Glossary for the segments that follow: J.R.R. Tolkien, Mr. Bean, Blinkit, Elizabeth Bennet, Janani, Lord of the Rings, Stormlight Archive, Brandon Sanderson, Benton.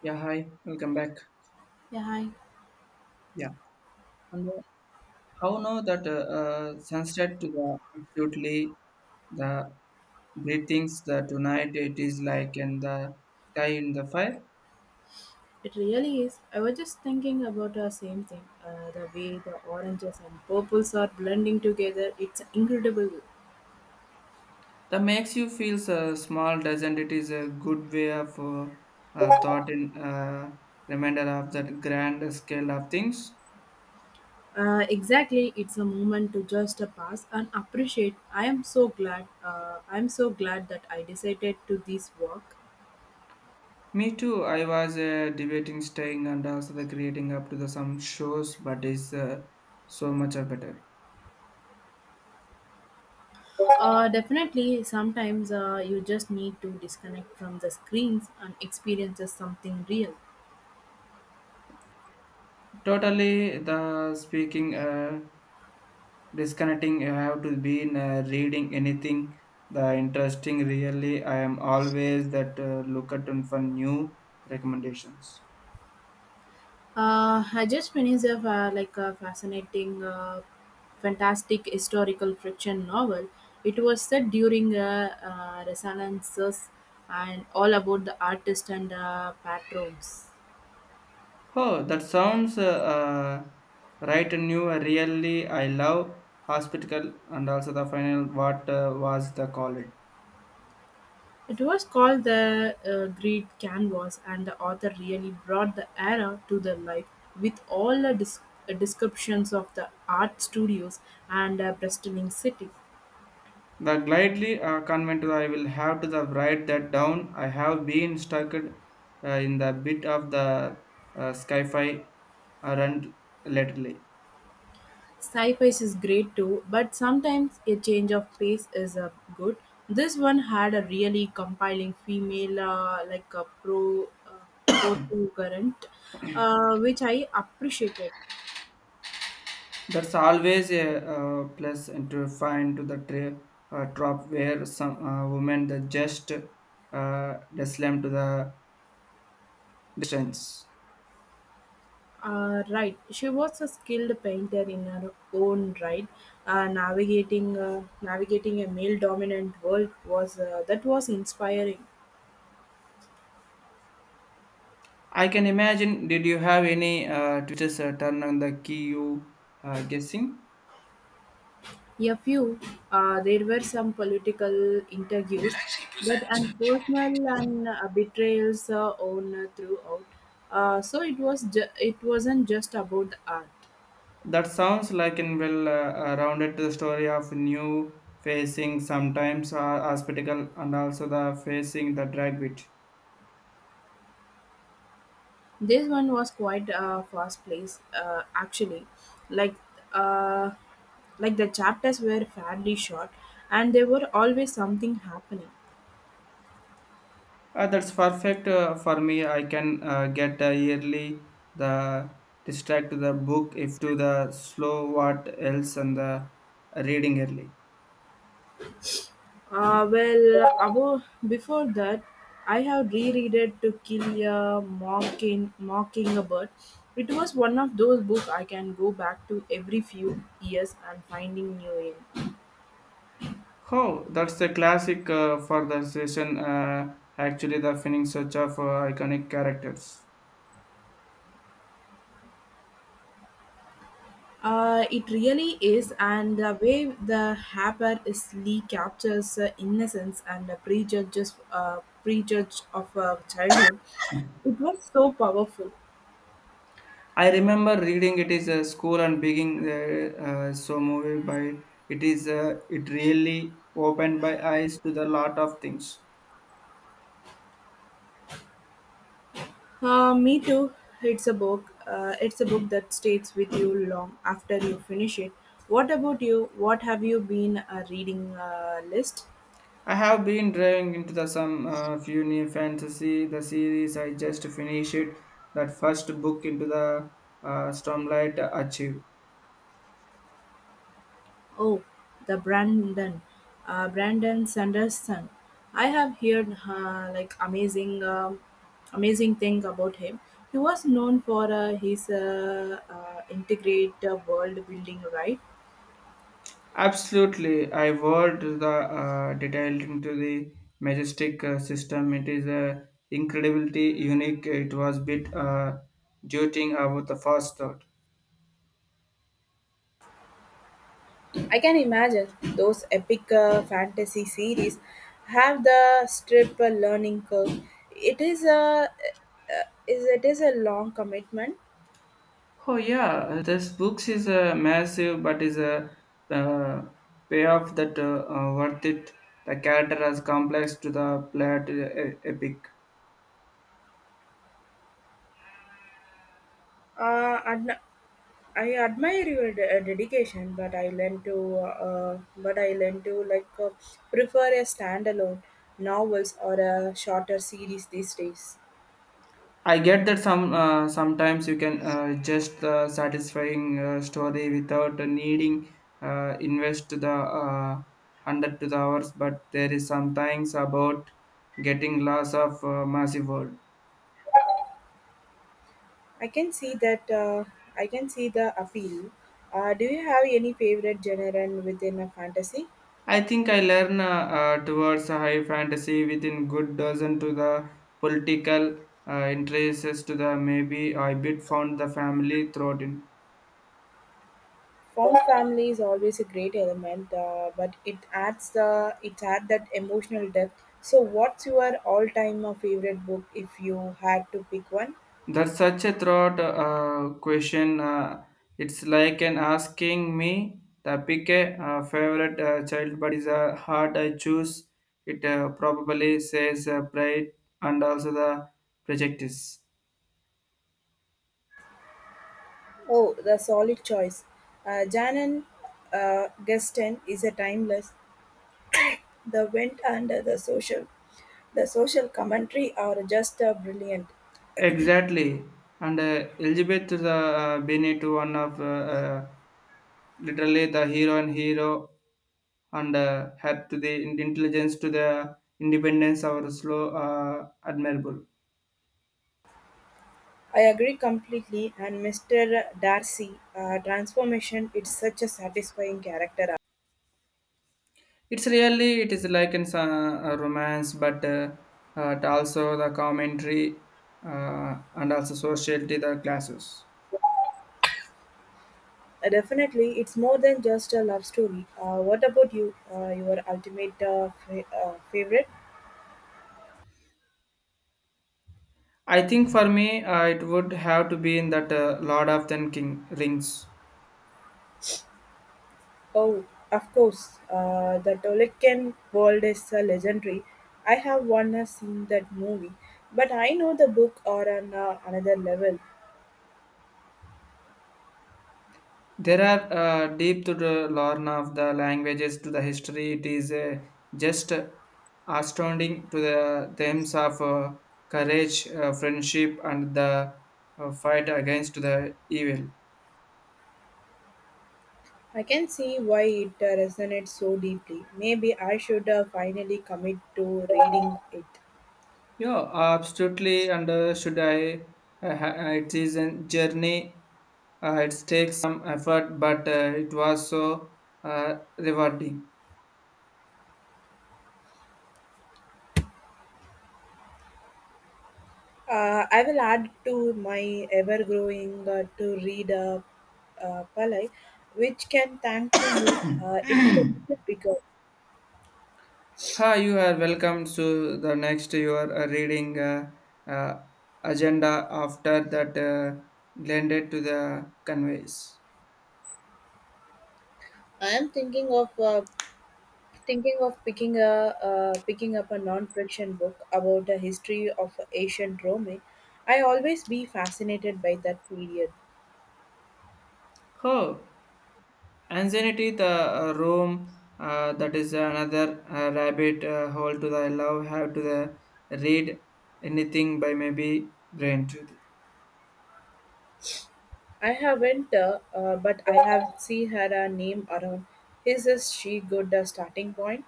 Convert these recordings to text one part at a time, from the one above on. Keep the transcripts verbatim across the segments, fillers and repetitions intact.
Yeah, hi, welcome back. Yeah, hi. Yeah, and uh, how know that uh, uh, sunset to the absolutely the breathings the tonight it is like in the sky in the fire It really is. I was just thinking about the same thing. Uh, the way the oranges and purples are blending together, it's incredible. that makes you feel so small, doesn't it? Is a good way of uh, uh, thought and uh, reminder of that grand scale of things. Uh, exactly, it's a moment to just uh, pass and appreciate. I am so glad. Uh, I'm so glad that I decided to this walk. Me too. I was uh, debating staying and also the creating up to the some shows, but is uh, so much are better. Uh, definitely, sometimes uh, you just need to disconnect from the screens and experience something real. Totally, the speaking. Uh, disconnecting you have to be in, uh, reading anything the interesting really I am always that uh, look at and for new recommendations. Uh, I just finished a fa- like a fascinating, uh, fantastic historical fiction novel. It was set during a uh, Renaissance and all about the artist and uh, patrons. Oh that sounds uh, uh, right and new really I love hospital and also the final what uh, was the call it It was called the uh, Great Canvas, and the author really brought the era to the life with all the dis- uh, descriptions of the art studios and uh, bustling city. the glidely uh, convent. I will have to the write that down. I have been stuck uh, in the bit of the uh, sci-fi uh, run lately. Sci-fi is great too, but sometimes a change of pace is uh, good. This one had a really compelling female, uh, like a pro uh, portrait, uh, which I appreciated. That's always a uh, plus and to find to the tra- uh, drop where some uh, women that just uh, slam to the distance. Uh, right, she was a skilled painter in her own right. Uh, navigating uh, navigating a male-dominant world was uh, that was inspiring. I can imagine. Did you have any uh, twitches uh, turn on the key you uh, guessing? A few, uh, there were some political interviews, but and personal and uh, betrayals uh, on uh, throughout. Uh, so it was ju- it wasn't just about the art. That sounds like an well uh, uh, rounded to the story of new facing sometimes uh, hospital and also the facing the drag bit. This one was quite uh, fast paced uh, actually, like uh, like the chapters were fairly short, and there were always something happening. Uh, that's perfect uh, for me. I can uh, get the yearly the distract to the book if to the slow what else and the reading early. Uh, well, about, before that, I have rereaded To Kill a Mocking, Mockingbird. It was one of those books I can go back to every few years and finding new in. Oh, that's the classic uh, for the session. Uh, actually, the feeling such of uh, iconic characters. Uh, it really is, and the way the Harper is Lee captures uh, innocence and uh, prejudges, uh, prejudge of uh, childhood, it was so powerful. I remember reading it is a school and being uh, uh, so moved by it is uh, it really opened my eyes to the lot of things. Uh, me too. It's a book. Uh, it's a book that stays with you long after you finish it. What about you? What have you been uh, reading uh, list? I have been diving into the some uh, few new fantasy the series. I just finished that first book into the uh, Stormlight Archive. Oh, the Brandon, uh, Brandon Sanderson. I have heard uh, like amazing, um amazing thing about him. He was known for uh, his uh, uh, integrated world building, right? Absolutely, I worked the uh, detailed into the majestic uh, system. It is a incredibility unique. It was bit uh, jolting about the first thought. I can imagine those epic uh, fantasy series have the strip uh, learning curve. It is a uh, is it is a long commitment. Oh yeah, uh, this books is a massive, but is a uh, payoff that uh, uh, worth it. The character as complex to the plot uh, e, epic. Uh, adn- I admire your de- uh, dedication, but I learn to uh, uh, but I learn to like uh, prefer a standalone novels or a shorter series these days. I get that some uh, sometimes you can uh, just the satisfying uh, story without needing uh, invest the uh, hundred to the hours, but there is sometimes about getting loss of uh, massive world. I can see that uh, I can see the appeal. Uh, do you have any favorite genre within a fantasy? I think I learn uh, uh, towards a high fantasy within good dozen to the political uh, interests to the maybe I bit found the family throat in. Form family is always a great element, uh, but it adds the it adds that emotional depth. So, what's your all-time uh, favorite book if you had to pick one? That's such a throat uh, question. Uh, it's like an asking me the pick a uh, favorite uh, child, but is a heart I choose. It uh, probably says uh, pride and also the prejudice. Oh, the solid choice. Uh, Janan uh, Geston is a timeless. The wind and the social, the social commentary are just uh, brilliant. Exactly. And uh, Elizabeth is, uh, Bennet, one of uh, uh, literally the hero and hero, and uh, had to the in- intelligence to the independence of our slow uh, admirable. I agree completely. And mister Darcy, uh, transformation. It's such a satisfying character. It's really it is like in some, a romance, but uh, uh, it also the commentary uh, and also sociality the classes. Uh, Definitely, it's more than just a love story. Uh, what about you? Uh, your ultimate uh, fa- uh, favorite? I think for me uh, it would have to be in that uh, Lord of the King rings. Oh, of course, uh, the Tolkien world is uh, legendary. I have once seen that movie, but I know the book are on uh, another level. There are uh, deep to the learn of the languages to the history. It is uh, just uh, astounding to the themes of uh, courage, uh, friendship, and the uh, fight against the evil. I can see why it uh, resonates so deeply. Maybe I should uh, finally commit to reading it. Yeah, absolutely. And uh, should I? Uh, ha- uh, it is a journey. Uh, it takes some effort, but uh, it was so uh, rewarding. Uh, I will add to my ever growing uh, to read uh, uh, palette, which can thank to you. Uh, it's a little bigger. Hi, you are welcome to the next your uh, reading uh, uh, agenda after that uh, blended to the conveys. I am thinking of uh, thinking of picking a uh, picking up a non-fiction book about the history of ancient Rome. I always be fascinated by that period. Oh, anxiety the uh, room uh, that is another uh, rabbit uh, hole to the love have to the read anything by maybe brain to the. I haven't, uh, uh, but I have seen her uh, name around. Is this she good uh, starting point?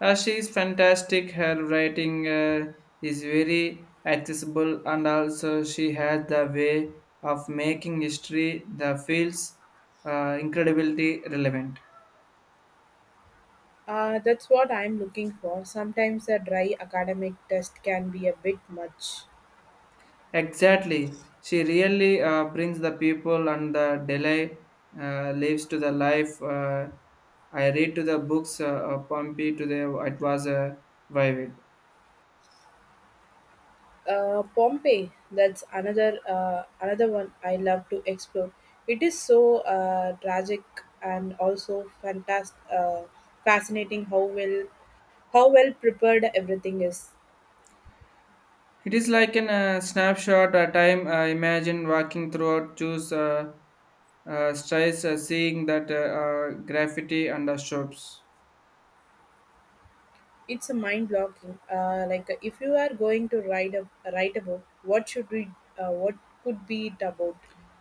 Uh, she is fantastic. Her writing uh, is very accessible, and also she has the way of making history that feels uh, incredibly relevant. Uh, that's what I'm looking for. Sometimes a dry academic test can be a bit much. Exactly. She really uh, brings the people and the delay uh, lives to the life. Uh, I read to the books, uh, uh, Pompey to the it was uh, vivid. Uh, Pompeii, that's another uh, another one I love to explore. It is so uh, tragic and also fantastic, uh, fascinating how well how well prepared everything is. It is like an uh, snapshot a time. Uh, imagine walking throughout, choose uh, uh, strides, uh, seeing that uh, uh, graffiti and the shops. It's a mind blocking. Uh, like uh, if you are going to write a write a book, what should we uh, what could be it about?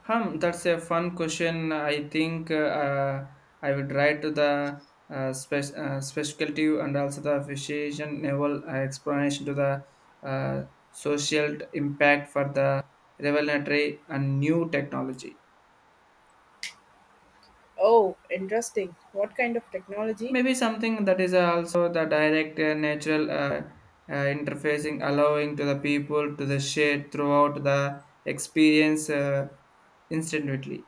Hum, that's a fun question. I think uh, uh, I would write to the uh, spec- uh, specialty and also the appreciation level uh, explanation to the uh, social impact for the revelatory and new technology. Oh, interesting. What kind of technology? Maybe something that is also the direct uh, natural uh, uh, interfacing, allowing to the people to the share throughout the experience uh, instantly.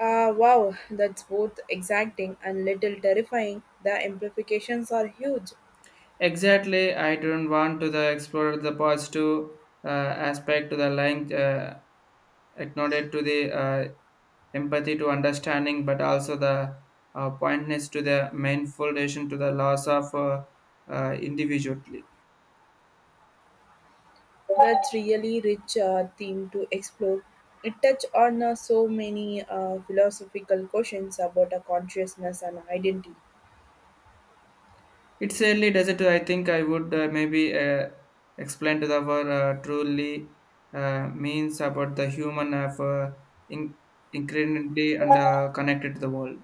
Ah, wow, that's both exacting and little terrifying. The implications are huge. Exactly, I don't want to the explore the positive uh, aspect to the line uh, acknowledge to the uh, empathy to understanding, but also the uh, pointness to the main foundation to the loss of uh, uh, individually. That's really rich uh, theme to explore. It touches on uh, so many uh, philosophical questions about a consciousness and identity. It's early desert. I think I would uh, maybe uh, explain to the world uh, truly uh, means about the human of uh, in- incredibly and uh, connected to the world.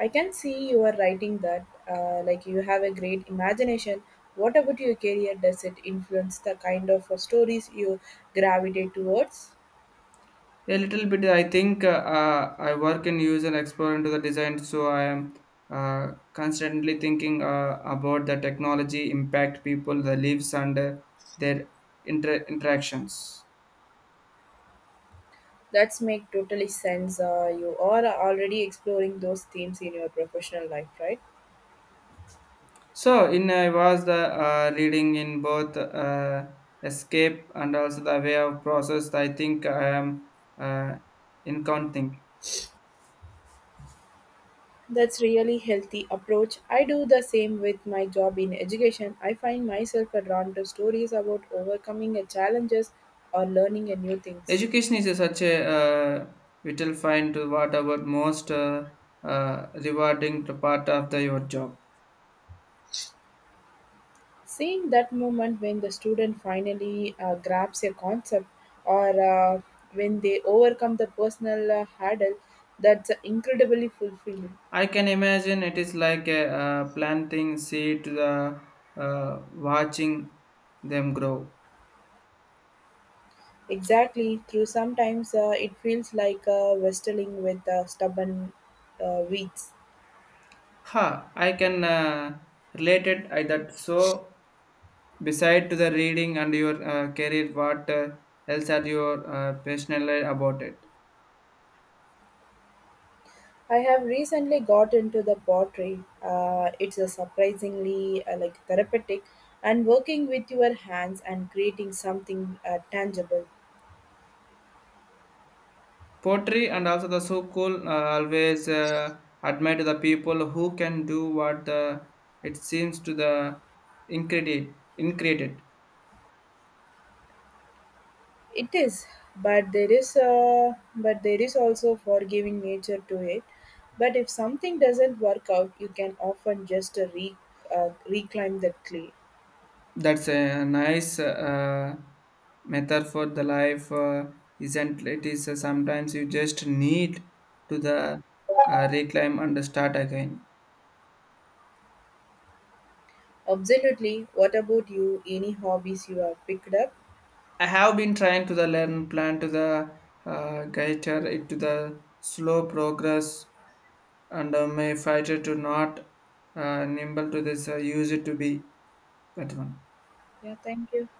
I can see you are writing that, uh, like you have a great imagination. What about your career? Does it influence the kind of uh, stories you gravitate towards? A little bit. I think uh, uh, I work in user and explore into the design, so I am uh, constantly thinking uh, about the technology impact people, the lives, and uh, their inter- interactions. That's make totally sense. Uh, you are already exploring those themes in your professional life, right? So in uh, I was the uh, reading in both uh, escape and also the way of process. I think I am uh, in counting. That's really healthy approach. I do the same with my job in education. I find myself drawn to stories about overcoming a challenges or learning a new things. Education is a such a uh, vital find to what about most uh, uh, rewarding to part of the your job. Seeing that moment when the student finally uh, grabs a concept or uh, when they overcome the personal uh, hurdle, that's incredibly fulfilling. I can imagine it is like a uh, planting seed to the uh, watching them grow. Exactly, through sometimes uh, it feels like uh, wrestling with uh, stubborn uh, weeds. Ha! I can uh, relate it I that so. Beside to the reading and your uh, career, what uh, else are you uh, passionate about it? I have recently got into the pottery. Uh, it's a surprisingly uh, like therapeutic, and working with your hands and creating something uh, tangible. Poetry and also the so cool. Uh, always uh, admire to the people who can do what the it seems to the incredible, incredible. It is, but there is uh, but there is also forgiving nature to it. But if something doesn't work out, you can often just uh, re, uh, reclaim the clay. That's a nice uh, method for the life, uh, isn't it? Is uh, sometimes you just need to the uh, reclaim and start again. Absolutely. What about you? Any hobbies you have picked up? I have been trying to the learn plan to the uh, guitar it to the slow progress and uh, my fighter to not uh, nimble to this uh, use it to be that one. Yeah, thank you.